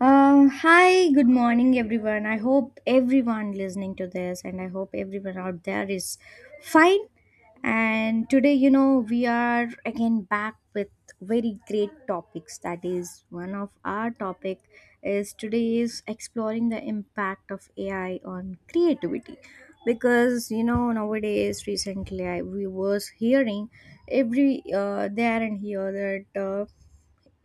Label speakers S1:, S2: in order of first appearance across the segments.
S1: Hi, good morning, everyone. I hope everyone listening to this and I hope everyone out there is fine. And today, you know, we are again back with very great topics. That is, one of our topic is today is exploring the impact of AI on creativity. Because you know nowadays, recently we was hearing every there and here that.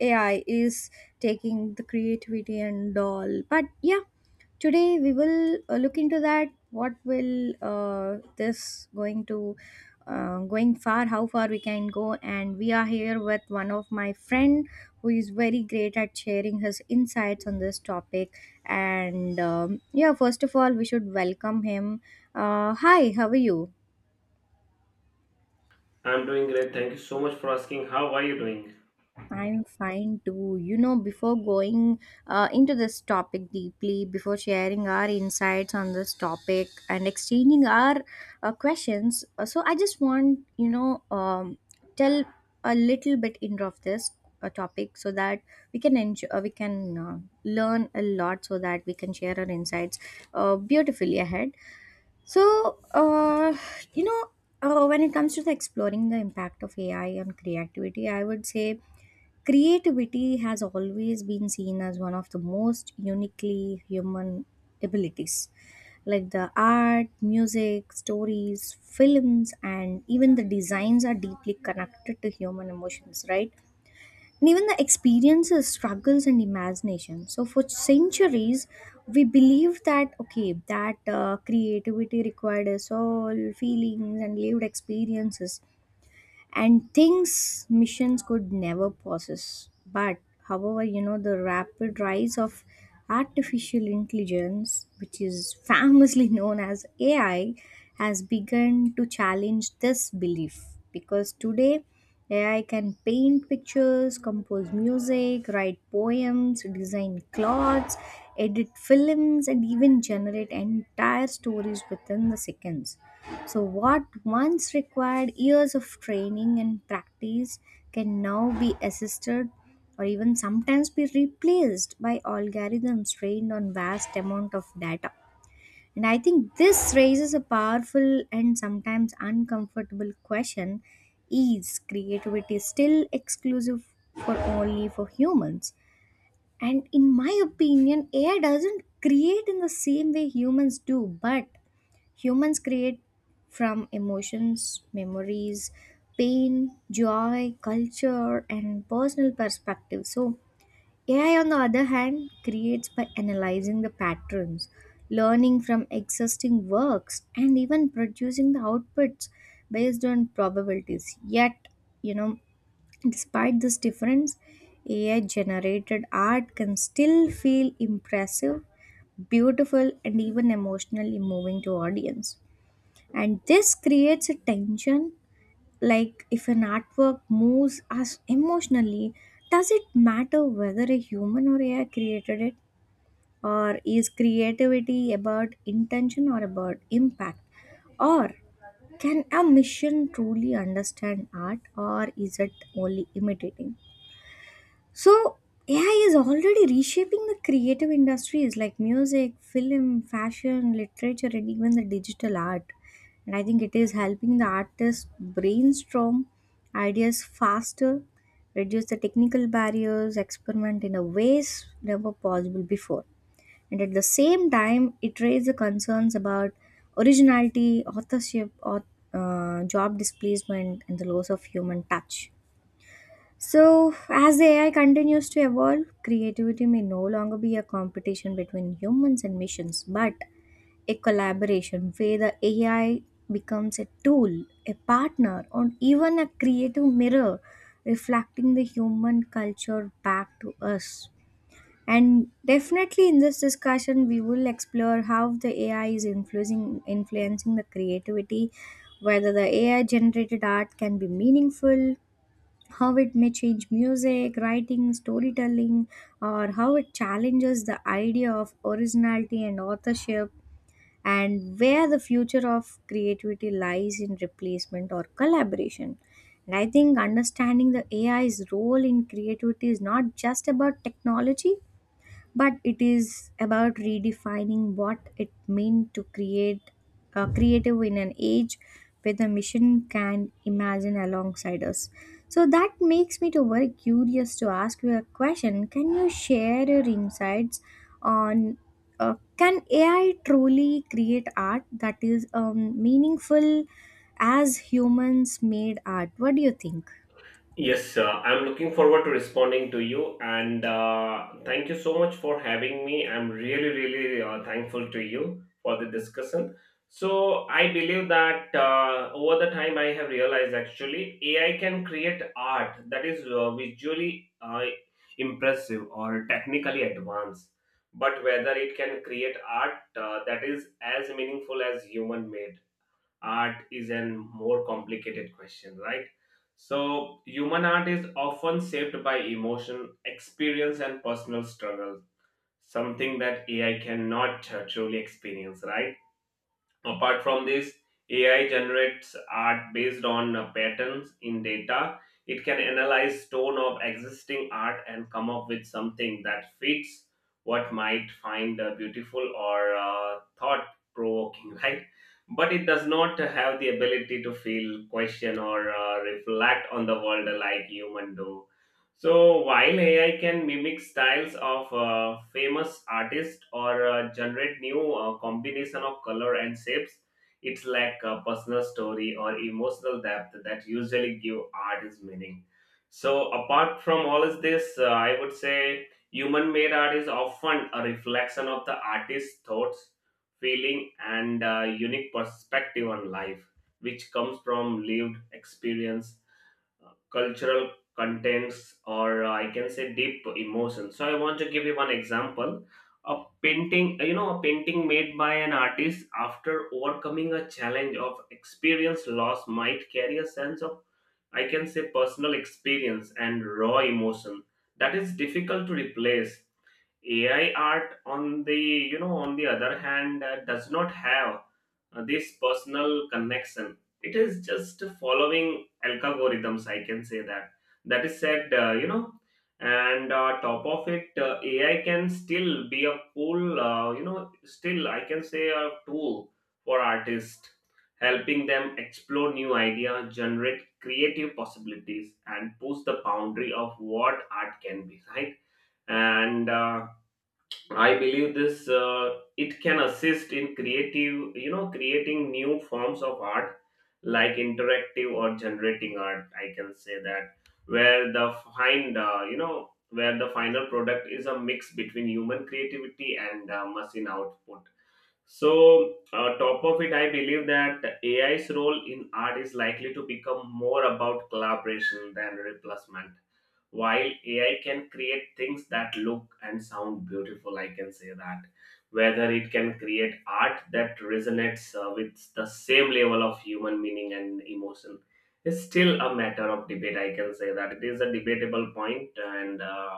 S1: AI is taking the creativity and all. But yeah, today we will look into that. What will this going to going far? How far we can go? And we are here with one of my friend who is very great at sharing his insights on this topic. And yeah, first of all, we should welcome him. Hi, how are you?
S2: I'm doing great. Thank you so much for asking. How are you doing?
S1: I'm fine too. You know, before going into this topic deeply, before sharing our insights on this topic and exchanging our questions, so I just want, tell a little bit into of this topic so that we can enjoy, we can learn a lot so that we can share our insights beautifully ahead. So, you know, when it comes to the exploring the impact of AI on creativity, I would say creativity has always been seen as one of the most uniquely human abilities, like the art, music, stories, films, and even the designs are deeply connected to human emotions, right? And even the experiences, struggles, and imagination. So, for centuries, we believe that okay, that creativity required a soul, feelings, and lived experiences and things missions could never possess. But however, you know, the rapid rise of artificial intelligence, which is famously known as AI, has begun to challenge this belief because today AI can paint pictures, compose music, write poems, design clothes, edit films, and even generate entire stories within the seconds. So, what once required years of training and practice can now be assisted or even sometimes be replaced by algorithms trained on vast amount of data. And I think this raises a powerful and sometimes uncomfortable question: is creativity still exclusive for only for humans? And in my opinion, AI doesn't create in the same way humans do, but humans create from emotions, memories, pain, joy, culture, and personal perspective. So, AI, on the other hand, creates by analyzing the patterns, learning from existing works, and even producing the outputs based on probabilities. Yet, you know, despite this difference, AI generated art can still feel impressive, beautiful, and even emotionally moving to audience, and this creates a tension. Like, if an artwork moves us emotionally, does it matter whether a human or ai created it? Or is creativity about intention or about impact? Or can a machine truly understand art, or is it only imitating? So, AI is already reshaping the creative industries like music, film, fashion, literature, and even the digital art. And I think it is helping the artists brainstorm ideas faster, reduce the technical barriers, experiment in a ways never possible before. And at the same time, it raises the concerns about originality, authorship, job displacement, and the loss of human touch. So, as the AI continues to evolve, creativity may no longer be a competition between humans and missions, but a collaboration where the AI becomes a tool, a partner, or even a creative mirror reflecting the human culture back to us. And definitely in this discussion, we will explore how the AI is influencing the creativity, whether the AI generated art can be meaningful, how it may change music, writing, storytelling, or how it challenges the idea of originality and authorship, and where the future of creativity lies in replacement or collaboration. And I think understanding the AI's role in creativity is not just about technology, but it is about redefining what it means to create creative in an age where the mission can imagine alongside us. So that makes me to very curious to ask you a question: can you share your insights on can ai truly create art that is meaningful as humans made art? What do you think?
S2: Yes, I'm looking forward to responding to you, and thank you so much for having me. I'm really, really thankful to you for the discussion. So I believe that over the time, I have realized actually AI can create art that is visually impressive or technically advanced, but whether it can create art that is as meaningful as human made art is a more complicated question, right? So, human art is often shaped by emotion, experience, and personal struggle, something that AI cannot truly experience, right? Apart from this, AI generates art based on patterns in data. It can analyze tone of existing art and come up with something that fits what might find beautiful or thought provoking, right? But it does not have the ability to feel, question, or reflect on the world like human do. So, while AI can mimic styles of famous artists or generate new combination of color and shapes, it's lack a personal story or emotional depth that usually give art its meaning. So, apart from all of this, I would say human-made art is often a reflection of the artist's thoughts, feeling, and unique perspective on life, which comes from lived experience cultural contents or I can say deep emotions. So I want to give you one example. A painting, a painting made by an artist after overcoming a challenge of experience loss might carry a sense of, I can say, personal experience and raw emotion that is difficult to replace. AI art, on the on the other hand, does not have this personal connection. It is just following algorithms, I can say that. That is said, and top of it, AI can still be a cool, still I can say a tool for artists, helping them explore new ideas, generate creative possibilities, and push the boundary of what art can be. Right, and I believe this it can assist in creating new forms of art like interactive or generating art, I can say that, where the where the final product is a mix between human creativity and machine output. So, top of it, I believe that AI's role in art is likely to become more about collaboration than replacement. While AI can create things that look and sound beautiful, I can say that. Whether it can create art that resonates with the same level of human meaning and emotion is still a matter of debate, I can say that. It is a debatable point, and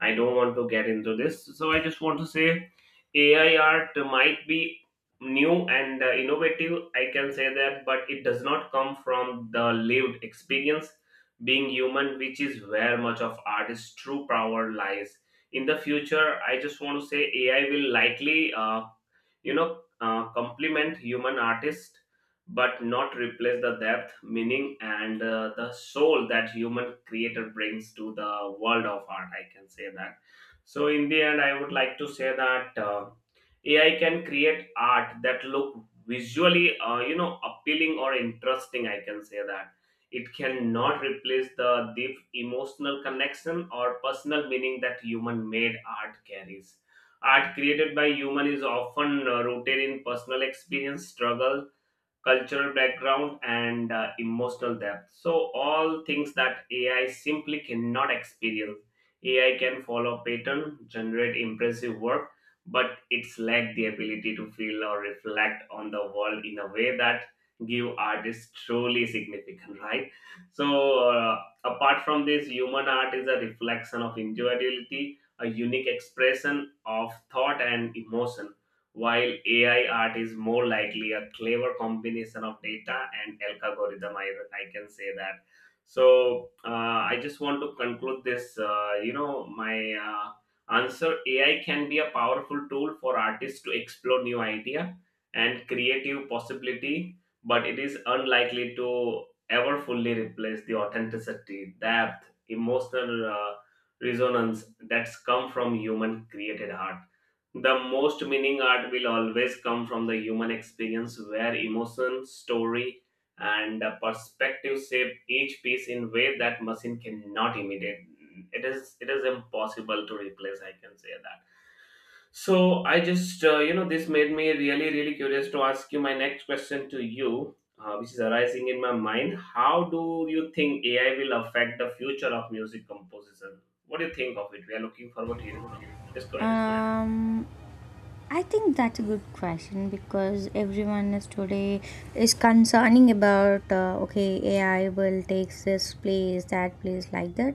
S2: I don't want to get into this. So, I just want to say AI art might be new and innovative, I can say that, but it does not come from the lived experience being human, which is where much of artist's true power lies. In the future, I just want to say AI will likely complement human artists, but not replace the depth, meaning, and the soul that human creator brings to the world of art, I can say that. So in the end, I would like to say that AI can create art that look visually, appealing or interesting, I can say that. It cannot replace the deep emotional connection or personal meaning that human-made art carries. Art created by human is often rooted in personal experience, struggle, cultural background, and emotional depth. So, all things that AI simply cannot experience. AI can follow pattern, generate impressive work, but it's lack the ability to feel or reflect on the world in a way that give artists truly significant, right? So, apart from this, human art is a reflection of individuality, a unique expression of thought and emotion, while AI art is more likely a clever combination of data and algorithm. I can say that. So I just want to conclude this. My answer: AI can be a powerful tool for artists to explore new idea and creative possibility, but it is unlikely to ever fully replace the authenticity, depth, emotional resonance that's come from human created art. The most meaning art will always come from the human experience where emotion, story, and perspective shape each piece in way that machine cannot imitate. It is impossible to replace, I can say that. So I just, this made me really really curious to ask you my next question to you, which is arising in my mind. How do you think AI will affect the future of music composition? What do you think of it? We are looking forward to hearing from you. Just go ahead.
S1: um I think that's a good question because everyone is today is concerning about okay, AI will take this place that place like that.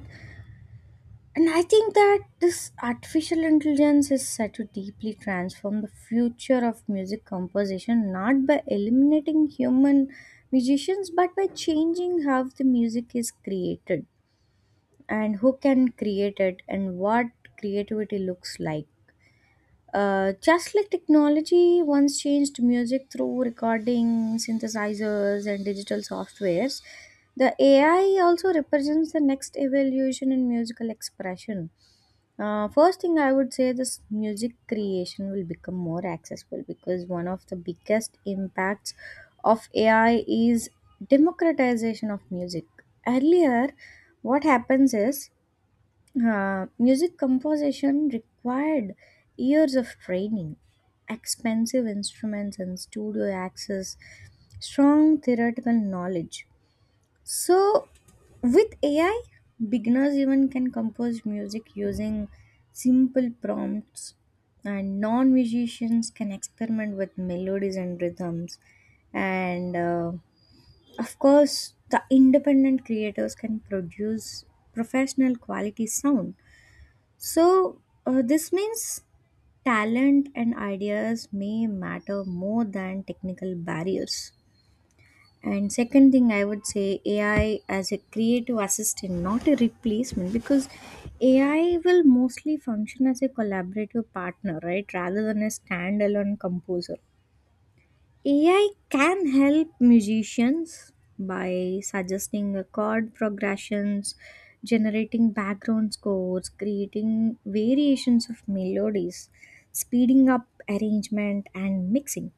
S1: And I think that this artificial intelligence is set to deeply transform the future of music composition, not by eliminating human musicians but by changing how the music is created and who can create it and what creativity looks like. Just like technology once changed music through recording, synthesizers, and digital softwares, the AI also represents the next evolution in musical expression. First thing I would say this music creation will become more accessible because one of the biggest impacts of AI is democratization of music. Earlier, what happens is music composition required years of training, expensive instruments and studio access, strong theoretical knowledge. So, with AI, beginners even can compose music using simple prompts, and non musicians can experiment with melodies and rhythms. And of course, the independent creators can produce professional quality sound. So, this means talent and ideas may matter more than technical barriers. And second thing I would say AI as a creative assistant, not a replacement, because AI will mostly function as a collaborative partner, right, rather than a standalone composer. AI can help musicians by suggesting a chord progressions, generating background scores, creating variations of melodies, speeding up arrangement and mixing.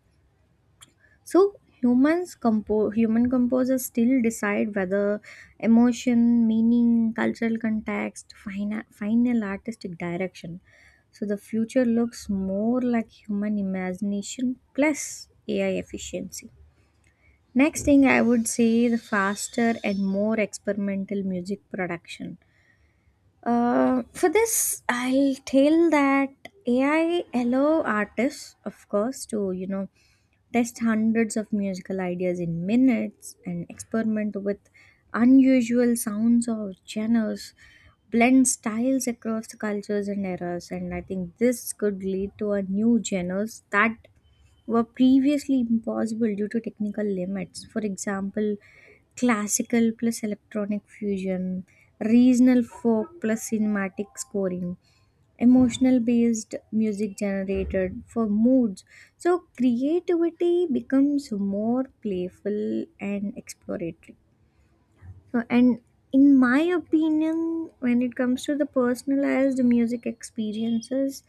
S1: So human composers still decide whether emotion, meaning, cultural context, final artistic direction. So the future looks more like human imagination plus AI efficiency. Next thing, I would say the faster and more experimental music production. For this, I'll tell that AI allow artists, of course, to you know test hundreds of musical ideas in minutes and experiment with unusual sounds or genres, blend styles across the cultures and eras. And I think this could lead to a new genres that were previously impossible due to technical limits. For example, classical plus electronic fusion, regional folk plus cinematic scoring, emotional based music generated for moods. So, creativity becomes more playful and exploratory. So, and in my opinion, when it comes to the personalized music experiences,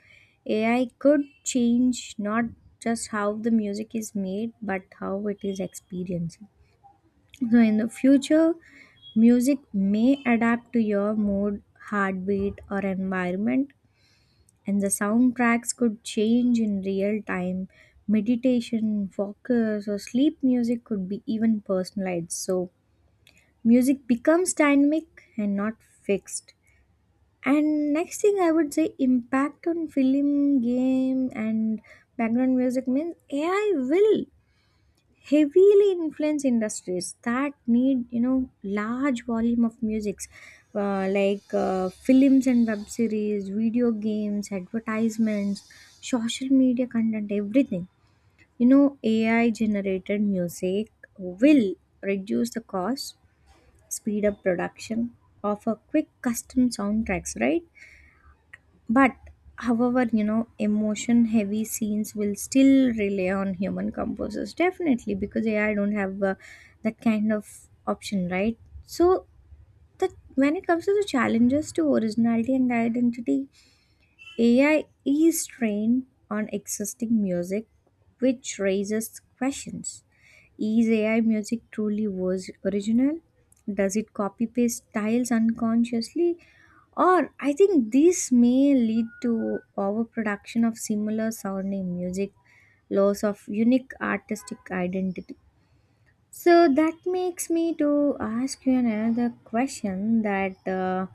S1: AI could change not just how the music is made, but how it is experienced. So, in the future, music may adapt to your mood, heartbeat, or environment, and the soundtracks could change in real time. Meditation, focus, or sleep music could be even personalized. So, music becomes dynamic and not fixed. And next thing I would say impact on film, game and background music means ai will heavily influence industries that need you know large volume of musics, like films and web series, video games, advertisements, social media content, everything. You know, ai generated music will reduce the cost, speed up production, offer quick custom soundtracks, right? But however, you know, emotion heavy scenes will still rely on human composers, definitely, because AI don't have that kind of option, right? So, that when it comes to the challenges to originality and identity, AI is trained on existing music, which raises questions. Is AI music truly was original? Does it copy paste styles unconsciously? Or I think this may lead to overproduction of similar sounding music, loss of unique artistic identity. So that makes me to ask you another question that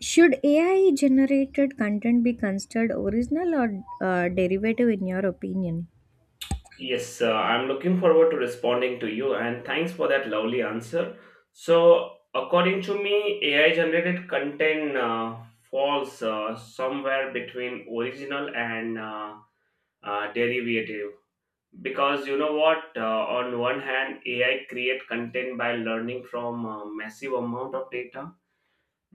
S1: should AI generated content be considered original or derivative in your opinion?
S2: Yes, I'm looking forward to responding to you, and thanks for that lovely answer. So, according to me, AI generated content falls somewhere between original and derivative, because you know what? On one hand, AI create content by learning from a massive amount of data,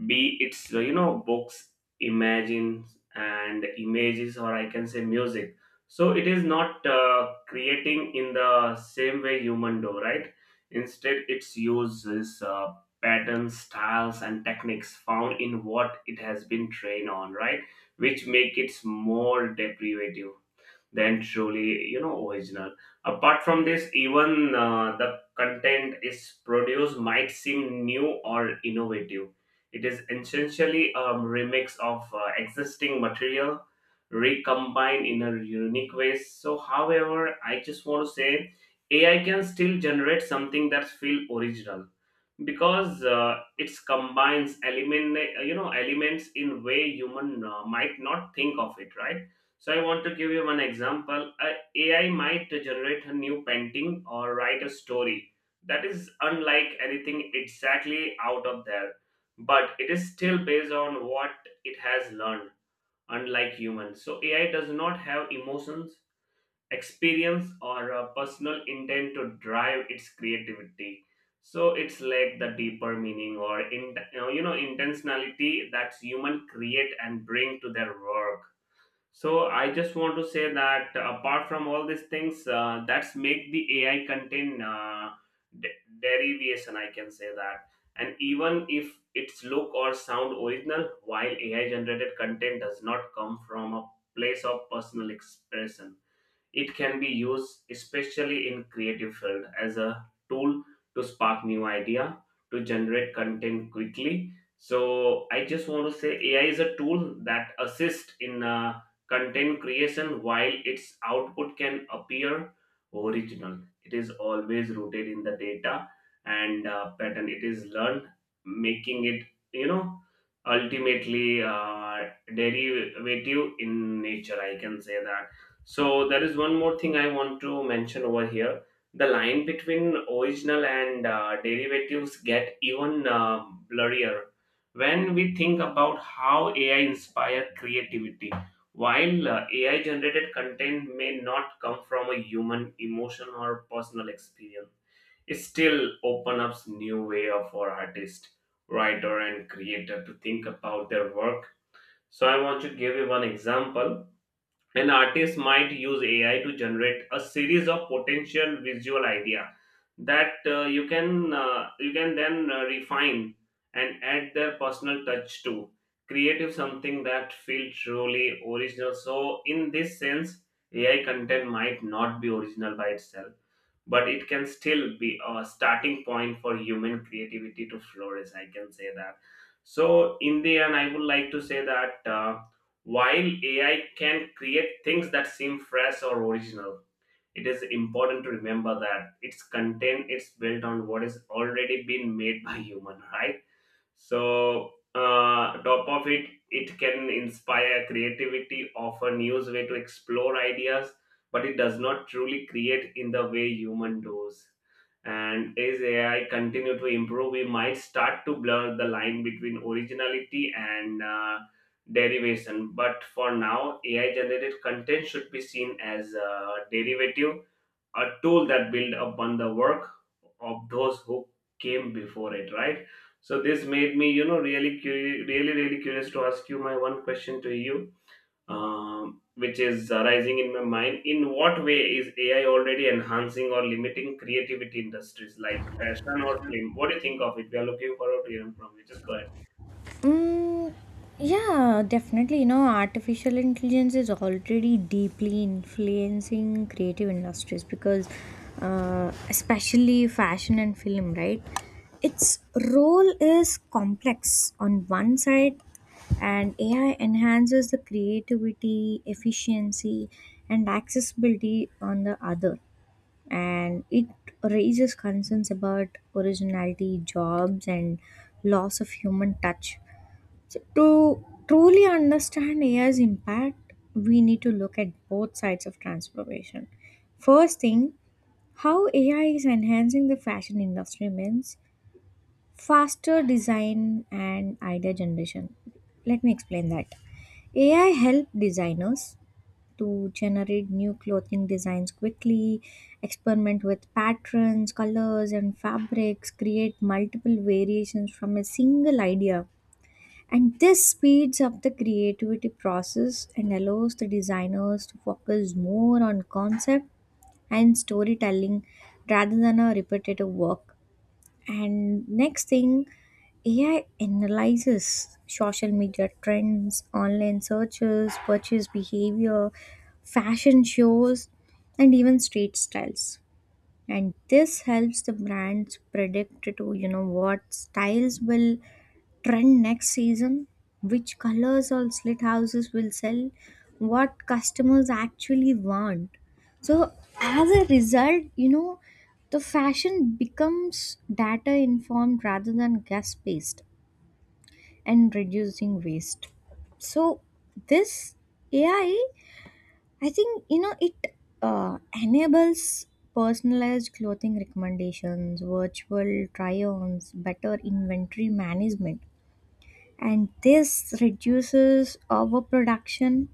S2: be it's books, imagines and images, or I can say music. So it is not creating in the same way human do, right? Instead its use is patterns, styles and techniques found in what it has been trained on, right, which make it more deprivative than truly, you know, original. Apart from this, even the content is produced might seem new or innovative, it is essentially a remix of existing material recombined in a unique way. So however, I just want to say ai can still generate something that feel original, because it combines element, you know, elements in way human might not think of it, right? So I want to give you one example. A ai might generate a new painting or write a story that is unlike anything exactly out of there, but it is still based on what it has learned. Unlike humans, so ai does not have emotions, experience or a personal intent to drive its creativity. So it's like the deeper meaning or, in you know, intentionality that human create and bring to their work. So I just want to say that apart from all these things, that's make the ai content derivation, I can say that. And even if its look or sound original, while ai generated content does not come from a place of personal expression, it can be used, especially in creative field, as a tool to spark new idea, to generate content quickly. So I just want to say AI is a tool that assists in content creation, while its output can appear original. It is always rooted in the data and pattern it is learned, making it, you know, ultimately derivative in nature, I can say that. So there is one more thing I want to mention over here. The line between original and derivatives get even blurrier when we think about how AI inspired creativity. While AI generated content may not come from a human emotion or personal experience, it still opens up new way of for artist, writer, and creator to think about their work. So I want to give you one example. An artist might use AI to generate a series of potential visual idea that you can then refine and add their personal touch to creative something that feels truly original. So in this sense, AI content might not be original by itself, but it can still be a starting point for human creativity to flourish, I can say that. So in the end, I would like to say that. While AI can create things that seem fresh or original, it is important to remember that its content is built on what has already been made by human, right? So, top of it, it can inspire creativity, offer new way to explore ideas, but it does not truly create in the way human does. And as AI continue to improve, we might start to blur the line between originality and derivation. But for now, AI generated content should be seen as a derivative, a tool that build upon the work of those who came before it, right? So this made me, you know, really, really curious to ask you my one question to you, which is arising in my mind. In what way is AI already enhancing or limiting creativity industries like fashion or film? What do you think of it? We are looking forward to hearing from you. Just go ahead.
S1: Mm, yeah, definitely. You know, artificial intelligence is already deeply influencing creative industries because, especially fashion and film, right? Its role is complex. On one side, and AI enhances the creativity, efficiency, and accessibility. On the other, and it raises concerns about originality, jobs, and loss of human touch. So, to truly understand AI's impact, we need to look at both sides of transformation. First thing, how AI is enhancing the fashion industry means faster design and idea generation. Let me explain that. AI help designers to generate new clothing designs quickly, experiment with patterns, colors, and fabrics, create multiple variations from a single idea. And this speeds up the creativity process and allows the designers to focus more on concept and storytelling rather than a repetitive work. And next thing, AI analyzes social media trends, online searches, purchase behavior, fashion shows, and even street styles. And this helps the brands predict to you know what styles will trend next season, which colors or slit houses will sell, what customers actually want. So, as a result, you know, the fashion becomes data informed rather than guess based and reducing waste. So, this AI, I think, you know, it enables personalized clothing recommendations, virtual try ons, better inventory management, and this reduces overproduction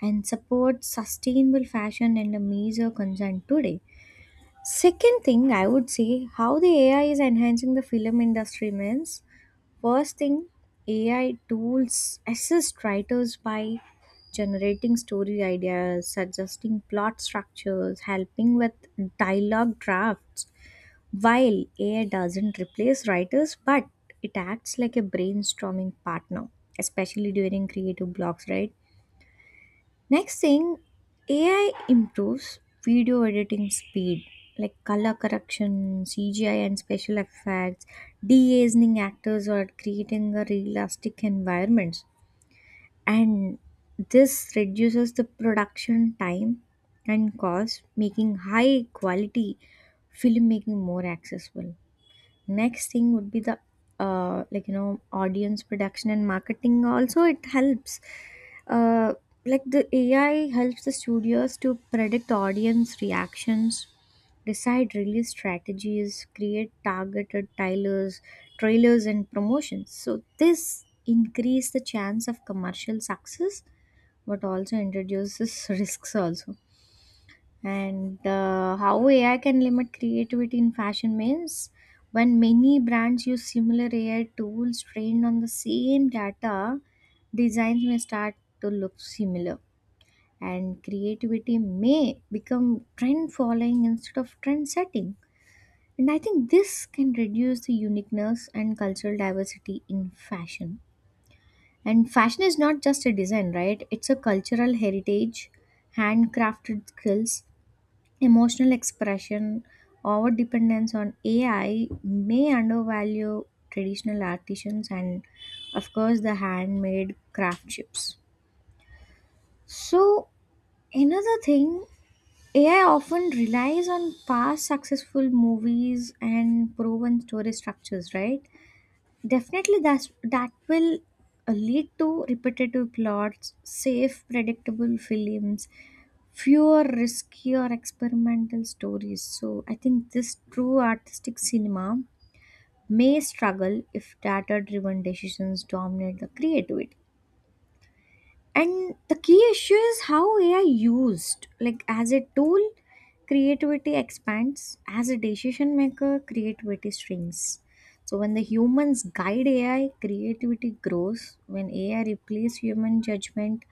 S1: and supports sustainable fashion, and a major concern today. Second thing I would say how the AI is enhancing the film industry means first thing AI tools assist writers by generating story ideas, suggesting plot structures, helping with dialogue drafts while AI doesn't replace writers, but it acts like a brainstorming partner, especially during creative blocks, right? Next thing, AI improves video editing speed, like color correction, CGI, and special effects, de aging actors, or creating a realistic environments. And this reduces the production time and cost, making high quality filmmaking more accessible. Next thing would be the you know, audience production and marketing also. It helps uh the ai helps the studios to predict audience reactions, decide release strategies, create targeted trailers and promotions. So this increase the chance of commercial success, but also introduces risks also. And How AI can limit creativity in fashion means when many brands use similar AI tools trained on the same data, designs may start to look similar, and creativity may become trend following instead of trend setting. And I think this can reduce the uniqueness and cultural diversity in fashion. And fashion is not just a design, right? It's a cultural heritage, handcrafted skills, emotional expression. Our dependence on ai may undervalue traditional artisans and of course the handmade craftships. So another thing, ai often relies on past successful movies and proven story structures, right? Definitely that will lead to repetitive plots, safe predictable films, fewer risky or experimental stories. So I think this true artistic cinema may struggle if data driven decisions dominate the creativity. And the key issue is how AI used. Like as a tool, creativity expands. As a decision maker, creativity shrinks. So when the humans guide AI, creativity grows. When AI replaces human judgment,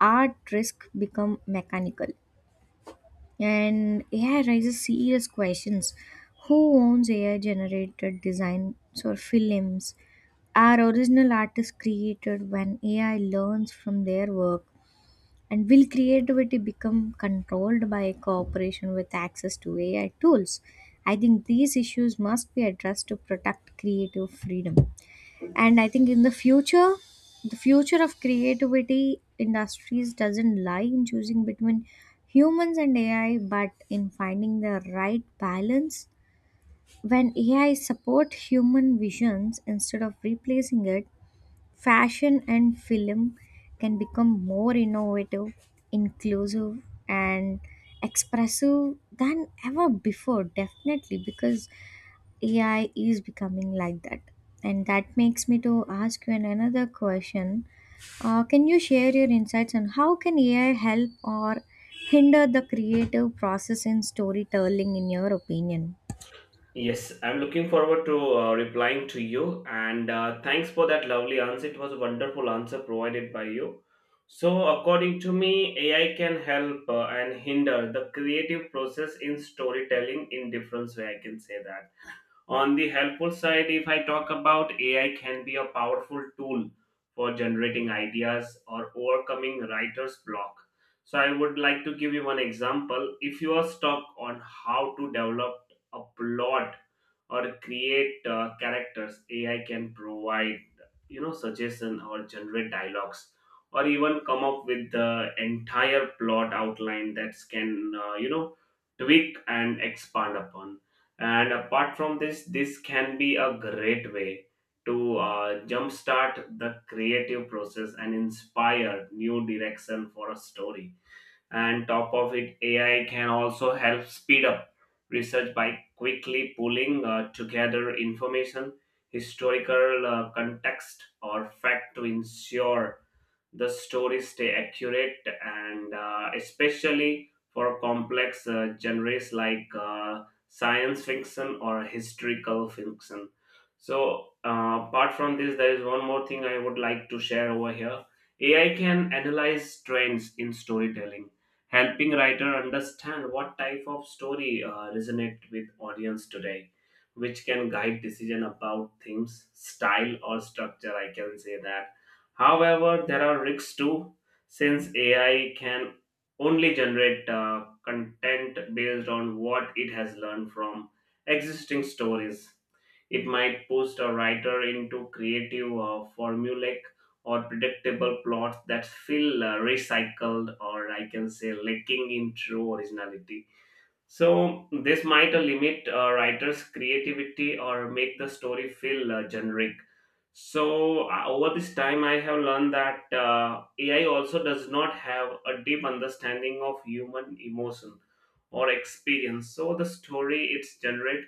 S1: art risk become mechanical. And AI raises serious questions. Who owns AI generated designs or films? Are original artists created when AI learns from their work? And will creativity become controlled by cooperation with access to AI tools? I think these issues must be addressed to protect creative freedom. And I think in the future, the future of creativity industries doesn't lie in choosing between humans and ai, but in finding the right balance. When ai support human visions instead of replacing it, fashion and film can become more innovative, inclusive, and expressive than ever before, definitely, because AI is becoming like that. And that makes me to ask you another question. Can you share your insights on how can AI help or hinder the creative process in storytelling in your opinion?
S2: Yes, I'm looking forward to replying to you and thanks for that lovely answer. It was a wonderful answer provided by you. So, according to me, AI can help and hinder the creative process in storytelling in different way. I can say that. On the helpful side, if I talk about AI, can be a powerful tool for generating ideas or overcoming writer's block. So I would like to give you one example. If you are stuck on how to develop a plot or create characters, AI can provide suggestion or generate dialogues or even come up with the entire plot outline that can tweak and expand upon. And apart from this, this can be a great way to jumpstart the creative process and inspire new direction for a story. And top of it, AI can also help speed up research by quickly pulling together information, historical context, or fact to ensure the stories stay accurate and especially for complex genres like science fiction or historical fiction. So apart from this, there is one more thing I would like to share over here. AI can analyze trends in storytelling, helping writer understand what type of story resonate with audience today, which can guide decision about themes, style, or structure, I can say that. However, there are risks too, since AI can only generate content based on what it has learned from existing stories. It might push a writer into creative, formulaic, or predictable plots that feel recycled, or I can say lacking in true originality. So this might limit writers' creativity or make the story feel generic. So over this time, I have learned that AI also does not have a deep understanding of human emotion or experience. So the story it's generate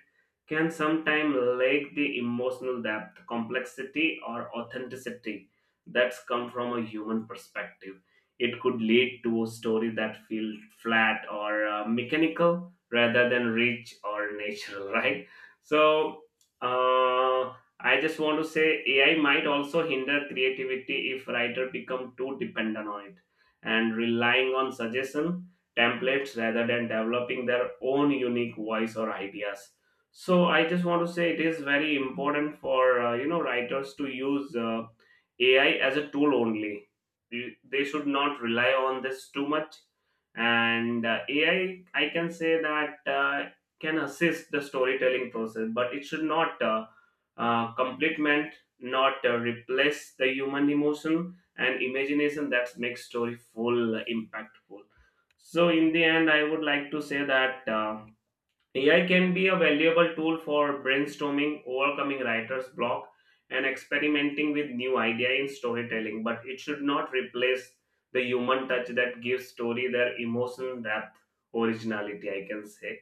S2: can sometimes lack the emotional depth, complexity, or authenticity that's come from a human perspective. It could lead to a story that feels flat or mechanical rather than rich or natural, right? So uh, I just want to say AI might also hinder creativity if writer become too dependent on it and relying on suggestion, templates rather than developing their own unique voice or ideas. So I just want to say it is very important for writers to use AI as a tool only. They should not rely on this too much, and AI, I can say that can assist the storytelling process, but it should not complement, not replace the human emotion and imagination that makes story full impactful. So in the end I would like to say that AI can be a valuable tool for brainstorming, overcoming writer's block, and experimenting with new idea in storytelling, but it should not replace the human touch that gives story their emotional depth, originality, I can say.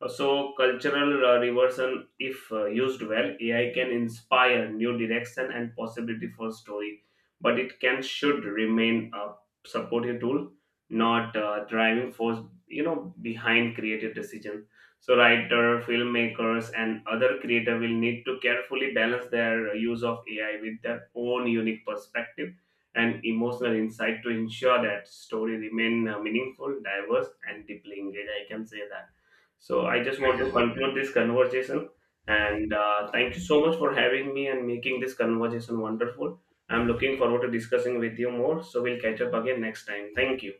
S2: So, cultural reversion, if used well, AI can inspire new direction and possibility for story, but it can should remain a supportive tool, not driving force, you know, behind creative decisions. So writer, filmmakers, and other creator will need to carefully balance their use of AI with their own unique perspective and emotional insight to ensure that story remain meaningful, diverse, and deeply engaged. I can say that. So I just want to conclude this conversation, and thank you so much for having me and making this conversation wonderful. I'm looking forward to discussing with you more. So we'll catch up again next time. Thank you.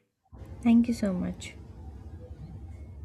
S1: Thank you so much.